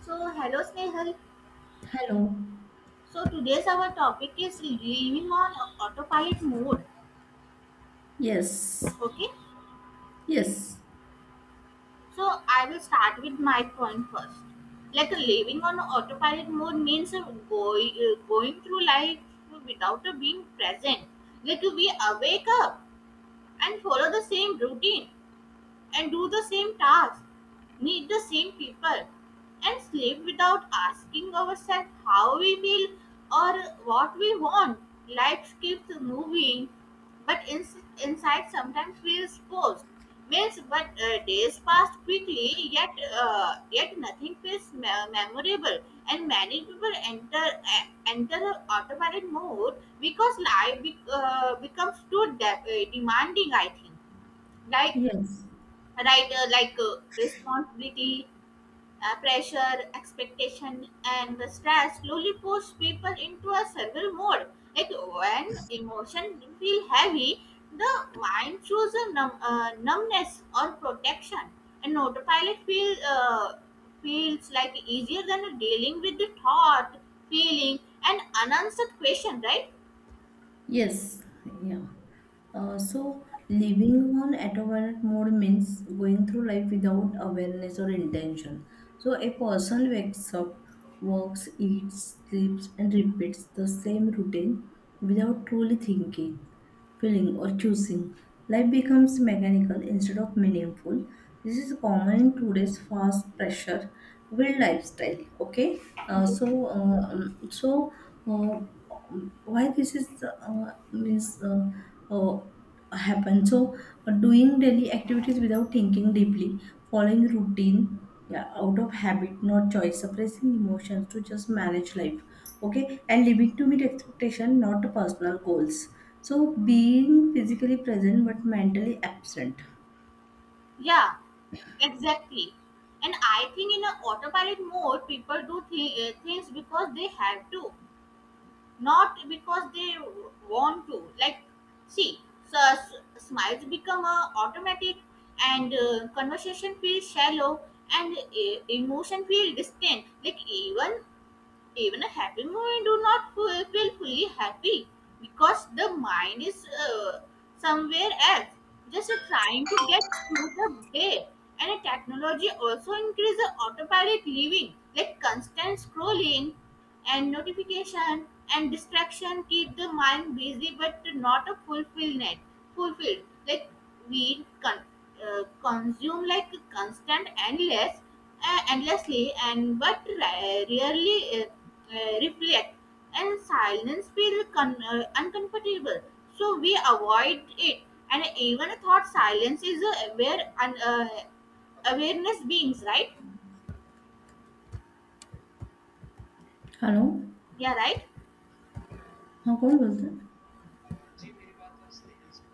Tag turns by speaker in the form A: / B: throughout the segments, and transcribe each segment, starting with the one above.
A: So, hello Snehal.
B: Hello.
A: So, today's our topic is living on autopilot mode.
B: Yes.
A: Okay.
B: Yes.
A: So, I will start with my point first. Like living on autopilot mode means going through life without being present. Like we awake up and follow the same routine and do the same task, meet the same people, and sleep without asking ourselves how we feel or what we want. Life keeps moving, but inside sometimes feels forced. Means, but days pass quickly, yet nothing feels memorable, and many people enter a automatic mode because life becomes too demanding. I think like
B: Yes.
A: right, like responsibility, pressure, expectation and the stress slowly push people into a survival mode. Like when emotion feel heavy, the mind shows a numbness or protection, and autopilot feels like easier than dealing with the thought, feeling and unanswered question, right?
B: Yes. So living on autopilot mode means going through life without awareness or intention. So a person wakes up, walks, eats, sleeps, and repeats the same routine without truly thinking, feeling, or choosing. Life becomes mechanical instead of meaningful. This is common in today's fast pressure, filled lifestyle. Okay, uh,
A: Okay,
B: so uh, um, so. Uh, why this is this uh, happen so doing daily activities without thinking deeply, following routine, yeah, out of habit not choice, suppressing emotions to just manage life. Okay, and living to meet expectation not personal goals, so being physically present but mentally absent.
A: yeah. Exactly. And I think in an autopilot mode, people do things because they have to, not because they want to. Like, see, so, s smiles become automatic, and conversation feels shallow, and emotion feel distant. Like even a happy moment do not feel fully happy because the mind is somewhere else, just trying to get through the day. And technology also increase the autopilot living, like constant scrolling and notification and distraction keep the mind busy but not a fulfillment fulfilled. Like we consume like constant endless, endlessly, and but rarely reflect, and silence feels uncomfortable, so we avoid it. And even thought silence is aware and awareness beings, right?
B: Hello.
A: Yeah, right.
B: हाँ कौन बोलता है.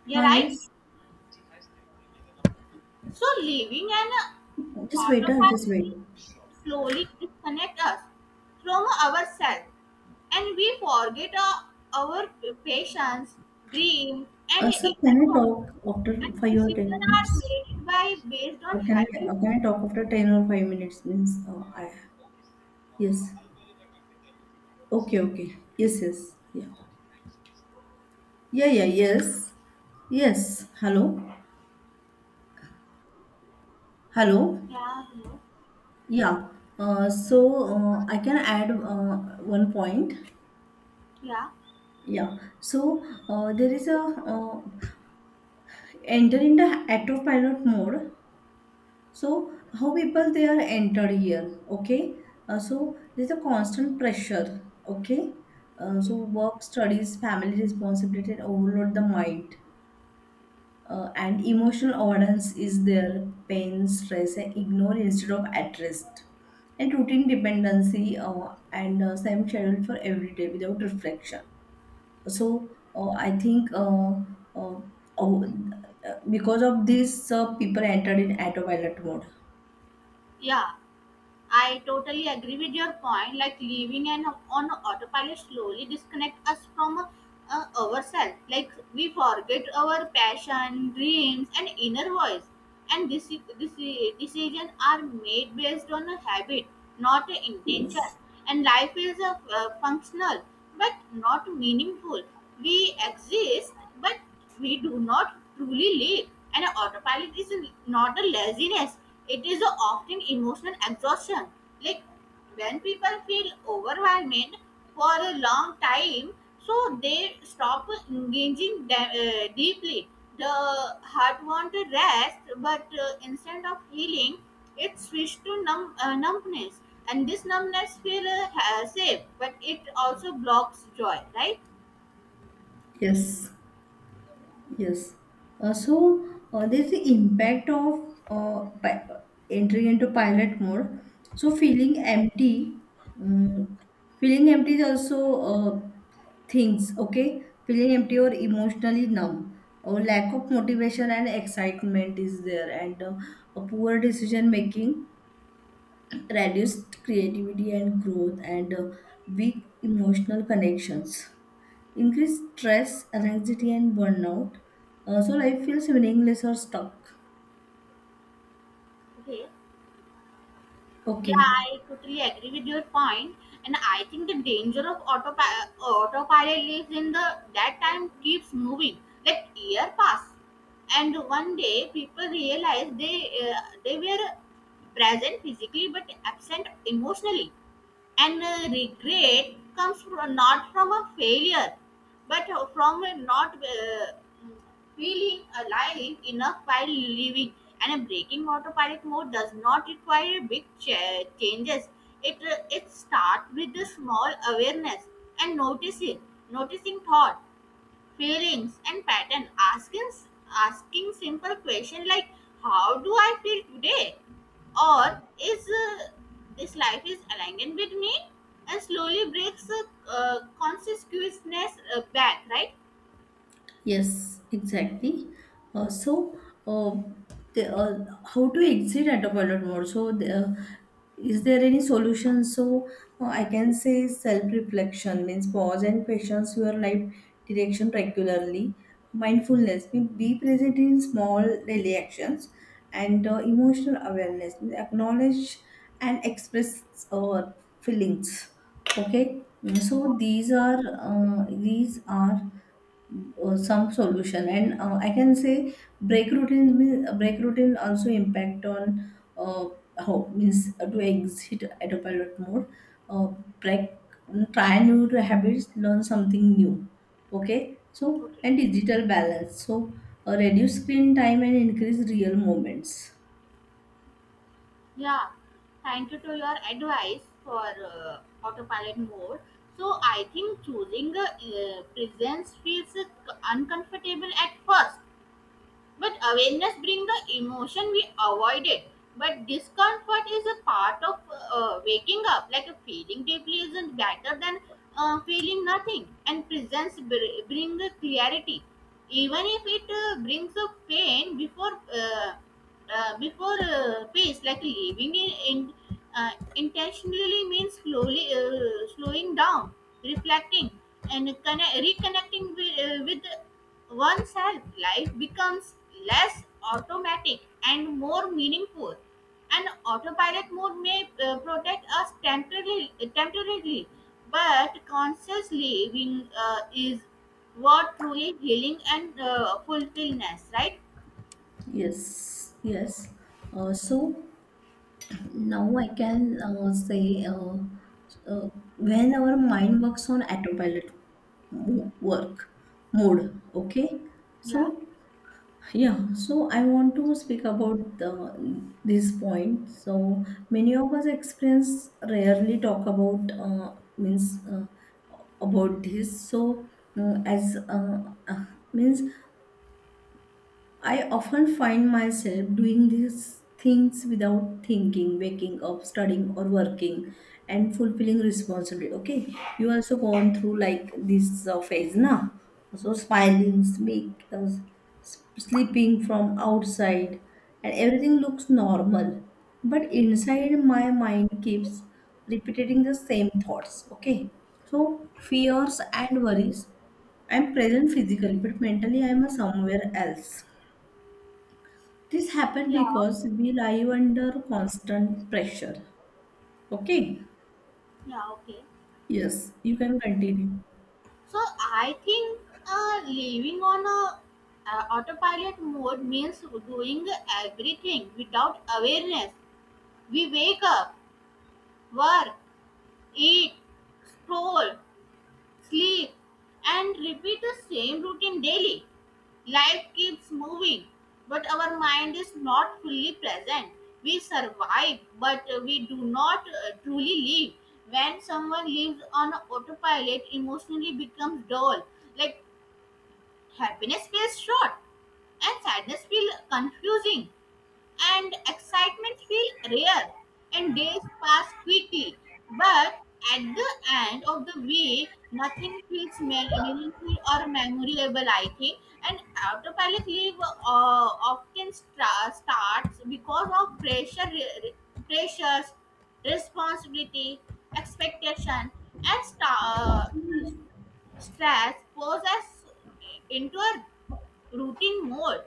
A: Yeah,
B: हाँ
A: right.
B: Yes.
A: So living an
B: just wait. Just
A: autopilot
B: wait.
A: slowly disconnect us from ourselves, and we forget our patience, dream and
B: Sir, can
A: inner
B: I
A: work.
B: talk after
A: And
B: five or ten
A: decisions
B: minutes?
A: are made by based
B: Uh,
A: on
B: can I
A: habit.
B: uh, can I talk after ten or five minutes? Means I Yes. Okay, okay. Yes, yes. Yeah, yeah. Yes, yes. Hello, hello.
A: Yeah, hello.
B: Yeah. Uh, so I can add one point.
A: Yeah,
B: Yeah. So there is a enter in the autopilot mode. So how people they are entered here, okay? So there's a constant pressure, okay? Uh,
A: okay.
B: so work, studies, family responsibility, and overload the mind, and emotional avoidance is there. Pain, stress, and ignore instead of addressed, and routine dependency and same schedule for every day without reflection. So uh, oh, because of this, people entered in autopilot mode.
A: Yeah, I totally agree with your point. Like living and on autopilot slowly disconnect us from ourselves. Like we forget our passion, dreams, and inner voice. And this decision are made based on a habit, not a intention.
B: Yes.
A: And life is a functional but not meaningful. We exist, but we do not truly live, and autopilot is not a laziness. It is a often emotional exhaustion. Like when people feel overwhelmed for a long time, so they stop engaging deeply. The heart wants to rest, but instead of healing, it switches to numb, numbness. And this numbness feels safe, but it also blocks joy, right?
B: Yes, yes. Uh, so there's the impact of entering into pilot mode. So um, feeling empty is also things. Okay, feeling empty or emotionally numb, or lack of motivation and excitement is there, and a poor decision making, reduced creativity and growth, and weak emotional connections, increased stress, anxiety, and burnout. So life feels meaningless or stuck.
A: Okay. Yeah,
B: Okay.
A: I totally agree with your point, and I think the danger of autopilot lives in the that time keeps moving. Like year pass, and one day people realize they were present physically but absent emotionally. And regret comes from, not from a failure, but from a not feeling alive enough while living. And a breaking autopilot mode does not require big changes. It starts with the small awareness and noticing thought, feelings and pattern, asking asking simple question like, how do I feel today? Or is this life is aligned with me? And slowly breaks consciousness back, right?
B: Yes, exactly. Uh, so, uh, how to exit autopilot mode? Is there any solution? So, I can say self-reflection means pause and questions your life direction regularly. Mindfulness means be present in small daily actions. And emotional awareness, acknowledge and express feelings. Okay. Mm, so these are some solution, and I can say break routine. Means break routine also impact on uh, how means to exit autopilot mode. uh, Break, try new habits, learn something new. Okay. So
A: Okay,
B: and digital balance, so reduce screen time and increase real moments.
A: yeah, thank you to your advice for autopilot mode. So I think choosing presence feels uncomfortable at first. But awareness brings the emotion we avoided. But discomfort is a part of waking up. Like a feeling deeply isn't better than feeling nothing. And presence brings the clarity, even if it brings a pain before peace. Like living in intentionally means slowly slowing down, reflecting, and reconnecting with oneself. Life becomes less automatic and more meaningful. An autopilot mode may protect us temporarily, but conscious living is what truly healing and fulfillment, right?
B: Yes, yes. Uh, so now I can say uh, when our mind works on autopilot mo- work mode, okay? So
A: Yeah,
B: yeah, so I want to speak about the this point. So many of us experience rarely talk about, means about this. So as uh, means I often find myself doing these things without thinking, waking up, studying, or working, and fulfilling responsibility. Okay, you also gone through like this phase now. So smiling, speak, sleeping from outside, and everything looks normal. But inside, my mind keeps repeating the same thoughts. Okay, so fears and worries. I'm present physically, but mentally, I'm somewhere else. This happened
A: yeah,
B: because we live under constant pressure. Okay?
A: yeah, okay.
B: Yes, you can continue.
A: So I think living on a autopilot mode means doing everything without awareness. We wake up, work, eat, scroll, sleep, and repeat the same routine daily. Life keeps moving, but our mind is not fully present. We survive, but we do not truly live. When someone lives on autopilot, emotionally becomes dull. Like happiness feels short, and sadness feels confusing, and excitement feels rare, and days pass quickly. But at the end of the week, nothing feels meaningful or memorable, I think. And autopilot leave often starts because of pressures, responsibility, expectation, and uh, stress poses into a routine mode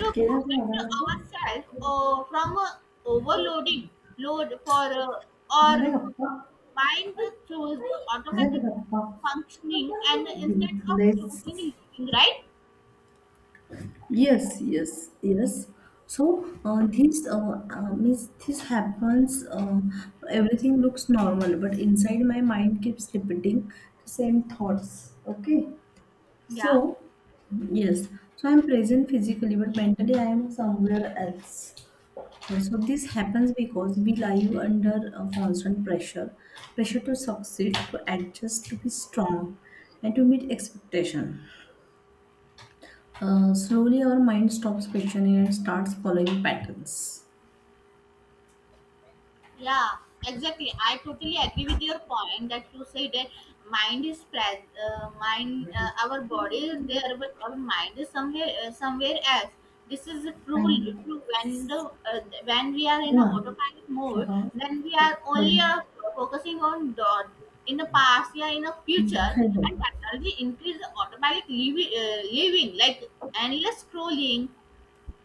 A: to
B: केला ते
A: protect
B: झाला गप्पा.
A: ourselves from overloading load for our
B: झाल्या गप्पा.
A: mind to choose
B: झाल्या का
A: automatic
B: गप्पा.
A: functioning and instead of
B: Useless.
A: choosing living, right?
B: Yes, yes, yes. So this happens. Everything looks normal, but inside my mind keeps repeating the same thoughts. Okay.
A: Yeah.
B: So, yes, so I'm present physically, but mentally I am somewhere else. So, this happens because we live under a constant pressure to succeed, to adjust, to be strong, and to meet expectation. Slowly, our mind stops questioning and starts following patterns.
A: Yeah, exactly. I totally agree with your point that you said that mind is present. Mind, our body is there, but our mind is somewhere somewhere else. This is true.
B: And
A: True, when the when we are in a
B: yeah.
A: autopilot mode,
B: Uh-huh.
A: then we are
B: But
A: only focusing on the in the past, yeah, in the future,
B: hello.
A: and technology increase the automatic living like endless scrolling,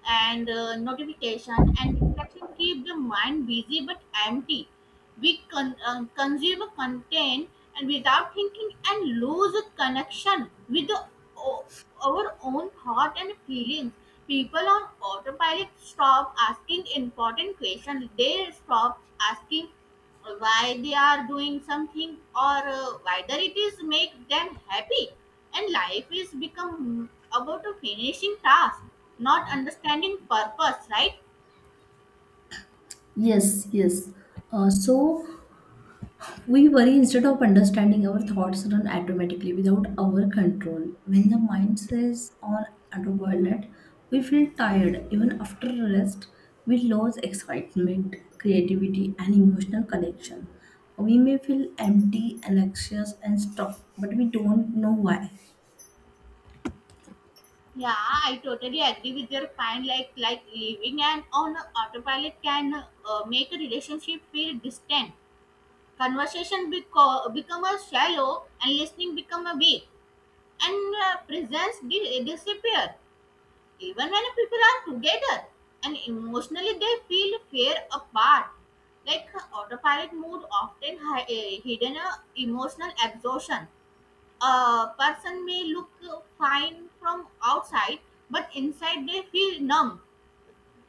A: and notification and distraction keep the mind busy but empty. We consume content and without thinking and lose a connection with the, o- our own thought and feelings. People on autopilot stop asking important questions, they stop asking why they are doing something or whether it is make them happy, and life is become about a finishing task, not understanding purpose, right?
B: Yes, yes. So we worry instead of understanding. Our thoughts run automatically without our control. When the mind says on autopilot, we feel tired even after rest. We lose excitement, creativity, and emotional connection. We may feel empty, anxious, and stuck, but we don't know why.
A: Yeah, I totally agree with your point, like living and on autopilot can make a relationship feel distant, conversation become a shallow, and listening become a weak, and presence disappear even when people are together, and emotionally they feel fear apart. Like autopilot mode often hidden a emotional exhaustion. A person may look fine from outside, but inside they feel numb,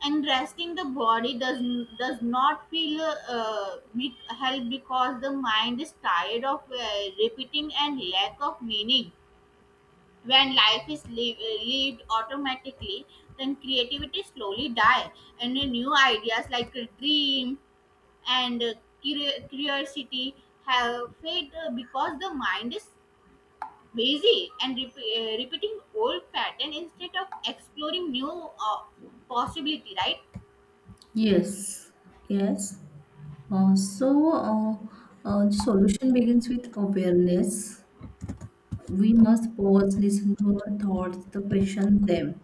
A: and resting the body does not feel help because the mind is tired of repeating and lack of meaning. When life lived automatically, then creativity slowly die, and the new ideas like a dream and curiosity have fade because the mind is busy and repeating old pattern instead of exploring new uh, possibility, right?
B: Yes, yes. Uh, so, uh, the solution begins with awareness. We must pause, listen to our thoughts, to question them.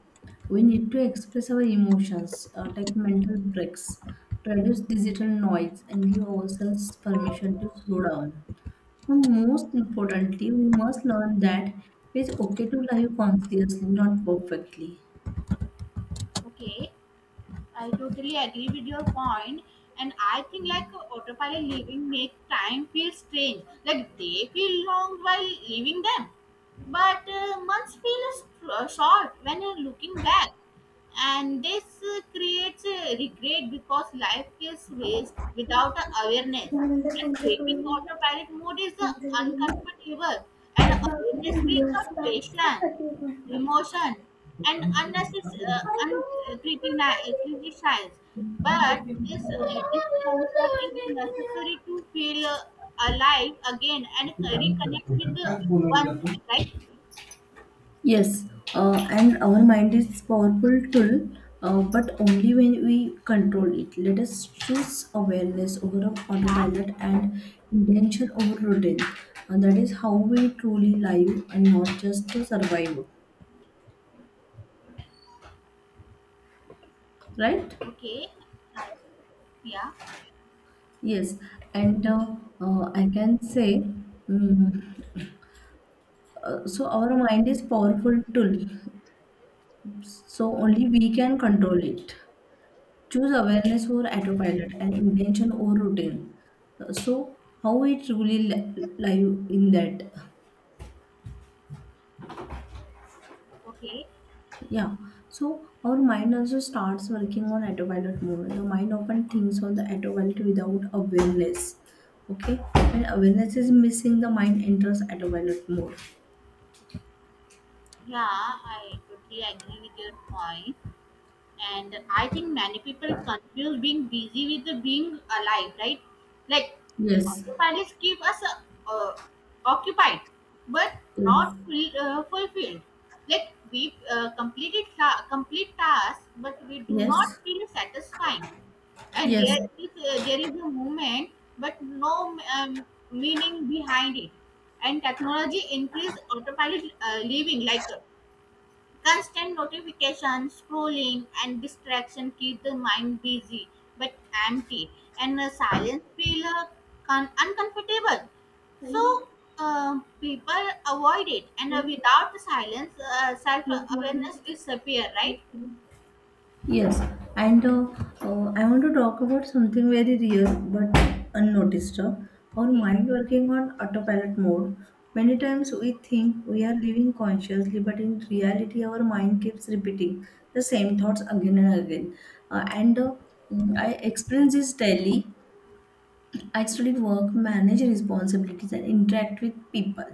B: We need to express our emotions, take mental breaks, reduce digital noise, and give ourselves permission to slow down. And most importantly, we must learn that it's okay to live consciously, not perfectly.
A: Okay. I totally agree with your point, and I think like autopilot living make time feel strange. Like they feel long while leaving them, but months feel short when you're looking back, and this creates regret because life is waste without a awareness.
B: यानंतर
A: And
B: तुमचे थोडं
A: taking autopilot mode is uncomfortable, and awareness brings a patience emotion and unnecessary uh,
B: इंटरव्ह्यूने.
A: uncriticized, but this discomfort is necessary to feel alive again and reconnect with the oneself, right?
B: Yes, and our mind is powerful tool, but only when we control it. Let us choose awareness over
A: Yeah,
B: autopilot and intention over routine. And that is how we truly live and not just to survive, right?
A: okay. I, yeah,
B: Yes, and I can say, mm, our mind is powerful tool, so only we can control it. Choose awareness over autopilot and intention over routine. So how it really li- live in that.
A: okay,
B: Yeah, so our mind also starts working on autopilot mode. The mind often thinks on the autopilot without awareness. Okay, when awareness is missing the mind enters autopilot mode.
A: yeah, I totally agree with your point. And I think many people confuse being busy with the being alive, right? Like
B: Yes,
A: autopilots keep us uh, occupied but not fulfilled. Like we complete tasks, but we do not feel satisfying, and
B: yes, yes,
A: there is a movement but no meaning behind it. And technology increased autopilot living, like constant notifications, scrolling, and distraction keep the mind busy but empty, and silence feel uncomfortable. So people avoid it, and without silence, self awareness disappear, right?
B: yes. Yes, and I want to talk about something very real but unnoticed. Our
A: Okay.
B: mind working on autopilot mode. Many times we think we are living consciously, but in reality, our mind keeps repeating the same thoughts again and again. And I experience this daily. I studied work, manage responsibilities, and interact with people.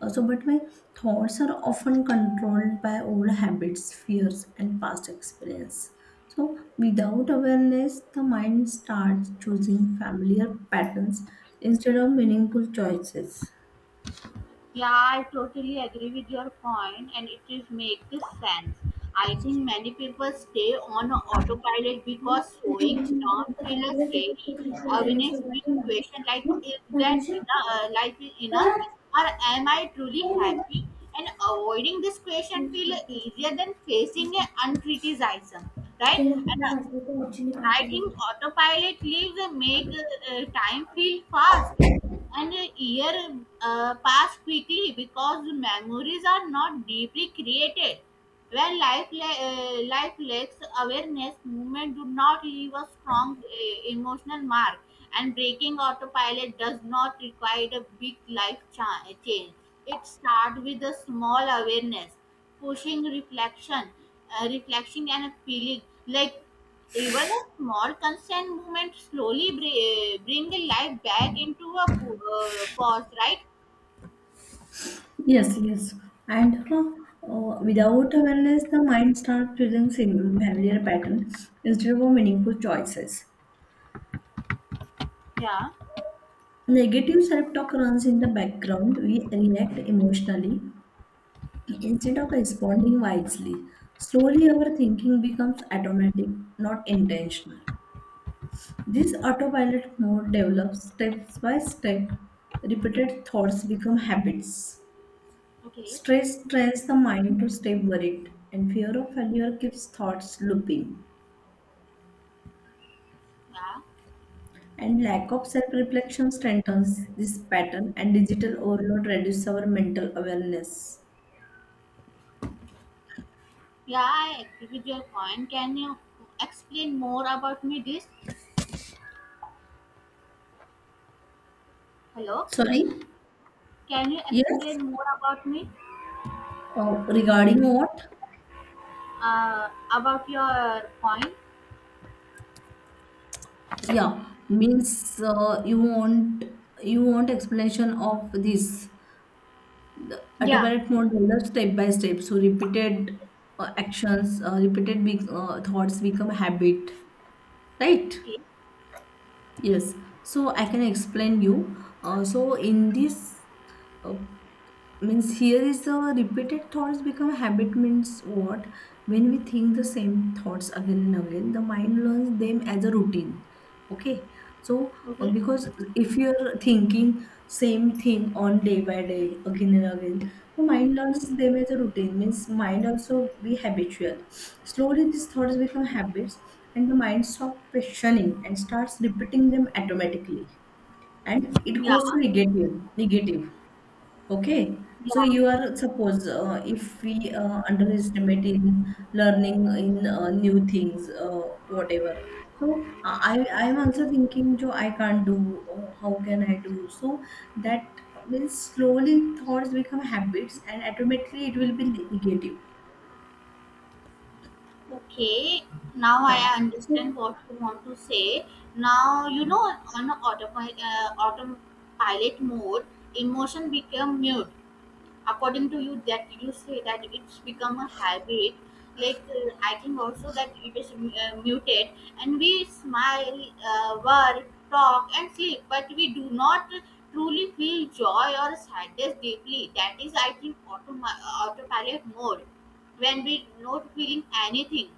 B: Also, but my thoughts are often controlled by old habits, fears, and past experience. So, without awareness, the mind starts choosing familiar patterns instead of meaningful choices.
A: Yeah, I totally agree with your point, and it is make this sense. I think many people stay on autopilot because slowing down feels scary. Awareness being question like, is that enough? Life is enough, or am I truly happy? And avoiding this question feels easier than facing a uncriticism, right? And I think autopilot leaves and make time feel fast, and a year pass quickly because memories are not deeply created. When life lacks awareness, movement do not leave a strong emotional mark, and breaking autopilot does not require a big life change. It starts with a small awareness, pushing reflection, reflection and feeling, like even a small consent movement slowly bring life back into a pause, right?
B: Yes, yes. And without awareness, the mind starts choosing familiar patterns instead of meaningful choices.
A: Yeah.
B: Negative self-talk runs in the background. We react emotionally instead of responding wisely. Slowly, our thinking becomes automatic, not intentional. This autopilot mode develops step by step. Repeated thoughts become habits.
A: Okay.
B: Stress trains the mind to stay worried, and fear of failure keeps thoughts looping.
A: Yeah,
B: And lack of self reflection strengthens this pattern, and digital overload reduces our mental awareness.
A: yeah, I agree with your point. Can you explain more about me this? Hello,
B: Sorry?
A: can you
B: Yes?
A: explain more about me?
B: Oh, regarding what?
A: About your point?
B: Yeah, means you want explanation of this.
A: Yeah.
B: Autopilot mode develops step by step. So repeated thoughts become habit, right?
A: Okay,
B: Yes, so I can explain you. So in this uh, means here is the repeated thoughts become habit means what. When we think the same thoughts again and again the mind learns them as a routine. Okay, so
A: okay,
B: because if you're thinking same thing on day by day again and again, so mind learns them as a routine, means mind also be habitual. Slowly these thoughts become habits, and the mind stops questioning and starts repeating them automatically, and it
A: yeah,
B: goes to negative. Okay, so you
A: yeah.
B: are suppose, if we underestimate in learning in new things, whatever. So I am also thinking, jo I can't do. Oh, how can I do? So that means slowly thoughts become habits, and automatically it will be negative.
A: Okay, now
B: Yeah.
A: I
B: So,
A: understand what you want to say. Now, you know, on autopilot, autopilot mode, emotion become mute. According to you, that you say that it's become a habit. Like I think also that it is muted, and we smile, work, talk, and sleep, but we do not truly feel joy or sadness deeply. That is, I think, autopilot mode when we not feeling anything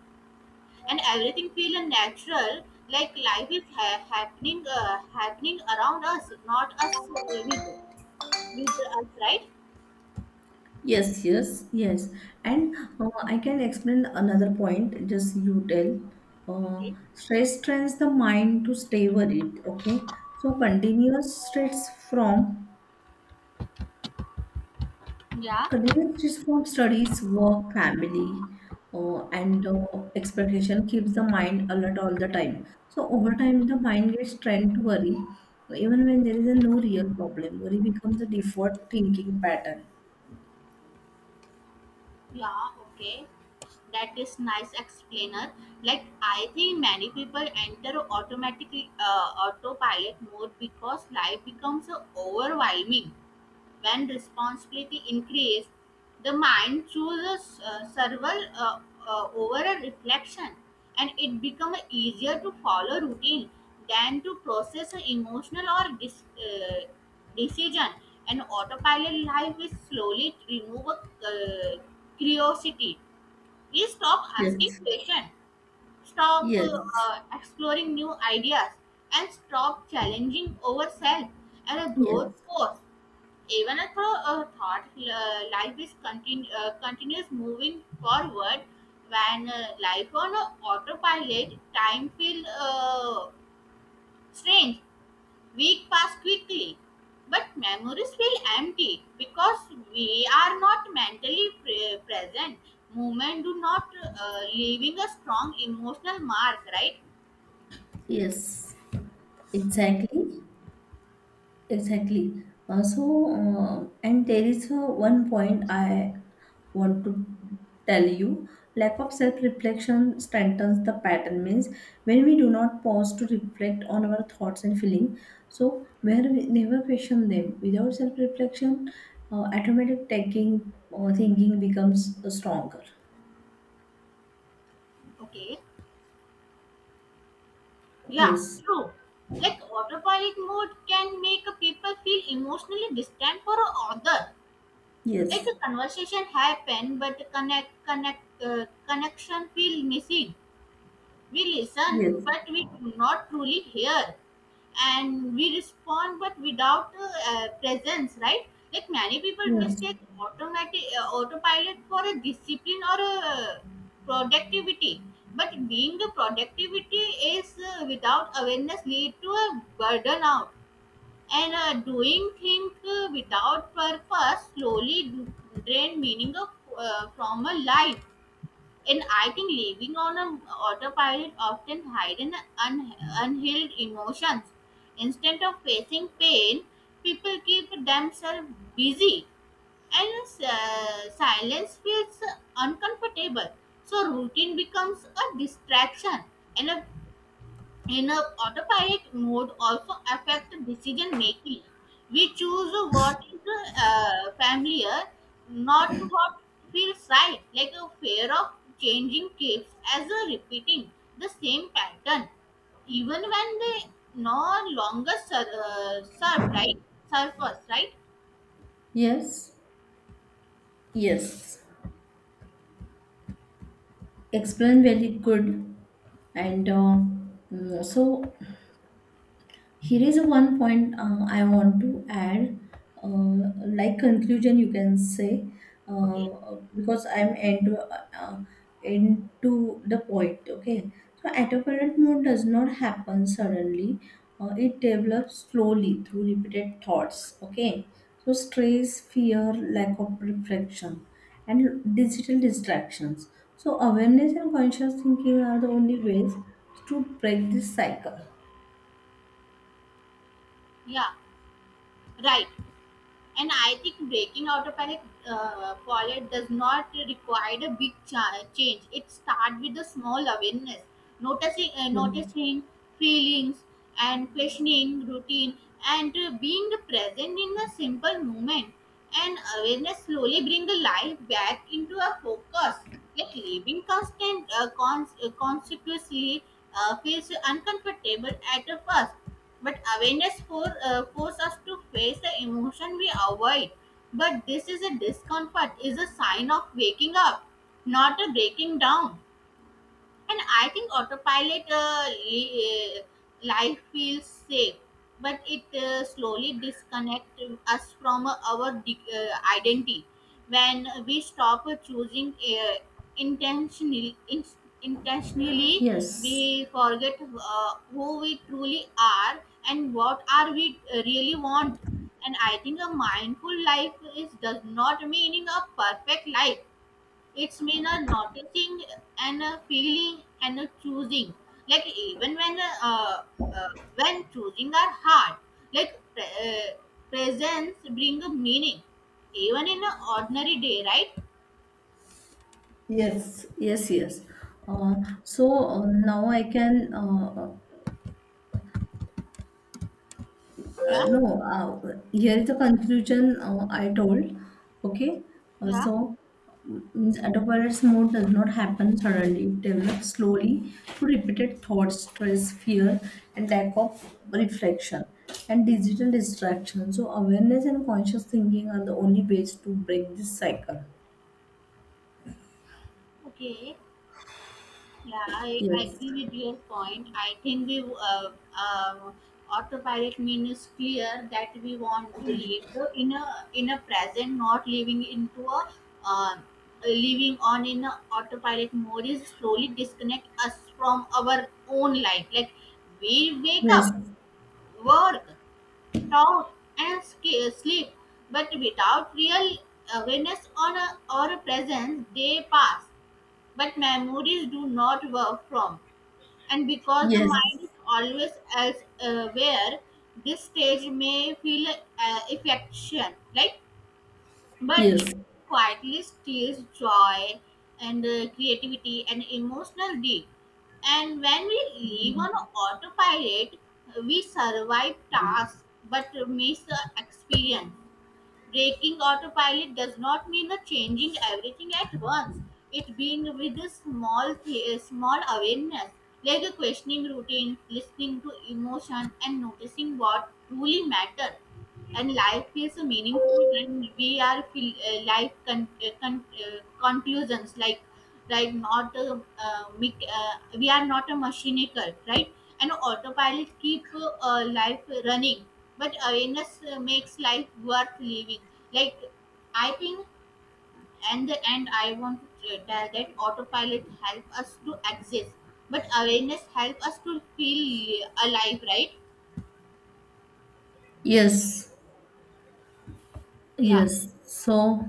A: and everything feel natural, like life is happening around us, not us with us, right?
B: yes, yes, yes. And I can explain another point, just you tell. Uh,
A: Okay.
B: stress trains the mind to stay worried, okay? So from
A: Yeah.
B: continuous stress from studies, work, family, and expectation keeps the mind alert all the time. So over time, the mind gets trained to worry, even when there is a no real problem. Worry becomes a default thinking pattern.
A: Yeah, okay, that is nice explainer. Like, I think many people enter automatically autopilot mode because life becomes overwhelming. When responsibility increases, the mind chooses survival over a reflection, and it becomes easier to follow routine than to process an emotional or decision. And autopilot life is slowly remove curiosity. We stop asking
B: Yes,
A: questions, stop
B: yes,
A: exploring new ideas, and stop challenging ourselves and a growth
B: yes.
A: force even through a thought, life is continuous moving forward. When life on a autopilot, time feels strange. Week pass quickly, but memories feel empty because we are not mentally present. Movement do not leaving a strong emotional mark, right?
B: Yes, exactly, exactly. So, and there is one point I want to tell you. Lack of self-reflection strengthens the pattern. Means when we do not pause to reflect on our thoughts and feeling, so where we never question them. Without self-reflection, automatic taking or thinking becomes stronger.
A: Okay. Yeah,
B: Yes,
A: true. Like autopilot mode can make a people feel emotionally distant for other, like
B: yes,
A: a conversation happen but uh, connection feel missing. We listen
B: yes,
A: but we do not truly hear, and we respond but without presence, right? Like many people
B: yes,
A: mistake automatic autopilot for a discipline or a productivity, but being the productivity is without awareness lead to a burden out, and doing things without purpose slowly drain meaning of, from a life. And I think living on an autopilot often hidden unhealed emotions. Instead of facing pain, people keep themselves busy, and silence feels uncomfortable. So routine becomes a distraction and a in a autopilot mode also affect decision making. We choose what is familiar, not what feels right, like a fear of changing keeps as a repeating the same pattern, even when they no longer serve right, serve us, right?
B: yes, yes. Explained very good, and mm, so here is one point I want to add, uh, like conclusion, you can say,
A: Okay,
B: because I'm into the point. Okay, so autopilot mode does not happen suddenly. It develops slowly through repeated thoughts. Okay, so stress, fear, lack of reflection, and digital distractions. So awareness and conscious thinking are the only ways to break this cycle.
A: yeah, right. And I think breaking out of an wallet does not require a big change. It starts with a small awareness,
B: Yeah.
A: noticing feelings and questioning routine, and being present in a simple moment. And awareness slowly brings the life back into a focus. Like living conspicuously feels uncomfortable at first, but awareness force us to face the emotion we avoid, but this is a discomfort is a sign of waking up, not a breaking down. And I think life feels safe, but it slowly disconnects us from our identity when we stop choosing intentionally. Intentionally,
B: Yes,
A: we forget who we truly are and what are we really want. And I think a mindful life is does not meaning a perfect life, it's mean a noticing and a feeling and a choosing. Like even uh, when choosing are hard, like presence bring a meaning, even in an ordinary day, right?
B: yes, yes, yes. Uh, so now I can
A: Yeah,
B: no. Here is the conclusion I told. Okay.
A: yeah.
B: So mm, means adolescence mode does not happen suddenly. It develops slowly through repeated thoughts, stress, fear, and lack of reflection and digital distraction. So awareness and conscious thinking are the only ways to break this cycle.
A: Okay. Yeah, I
B: Yes.
A: agree with your point. I think we uh, autopilot means clear that we want to live in a present, not living into a uh, living on in a autopilot mode is slowly disconnect us from our own life. Like we wake
B: Yes.
A: up, work, talk, and sleep, but without real awareness on a, or a presence, they pass. But memories do not work from, and because the
B: Yes.
A: mind is always as aware, this stage may feel affection like, but
B: Yes.
A: it quietly steals joy and creativity and emotional deep. And when we live on autopilot, we survive tasks but miss the experience. Breaking autopilot does not mean a changing everything at once. It being with a small awareness, like a questioning routine, listening to emotion, and noticing what truly matters. And life feels meaningful when we are feel, conclusions like not mech- we are not a mechanical, right? And autopilot keep life running, but awareness makes life worth living. Like, I think, and the end I want to tell that autopilot help us to exist, but awareness help us to feel alive, right?
B: Yes,
A: Yeah.
B: yes. So,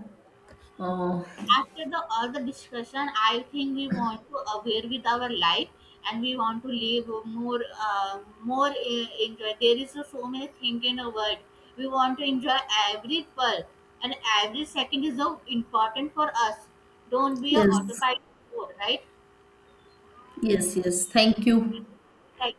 B: uh,
A: After the all the discussion, I think we want to aware with our life, and we want to live more enjoy. There is so many things in a world we want to enjoy. Every pearl and every second is so important for us. Don't be a
B: yes,
A: autopilot mode, right?
B: yes, yes. Thank you.
A: Like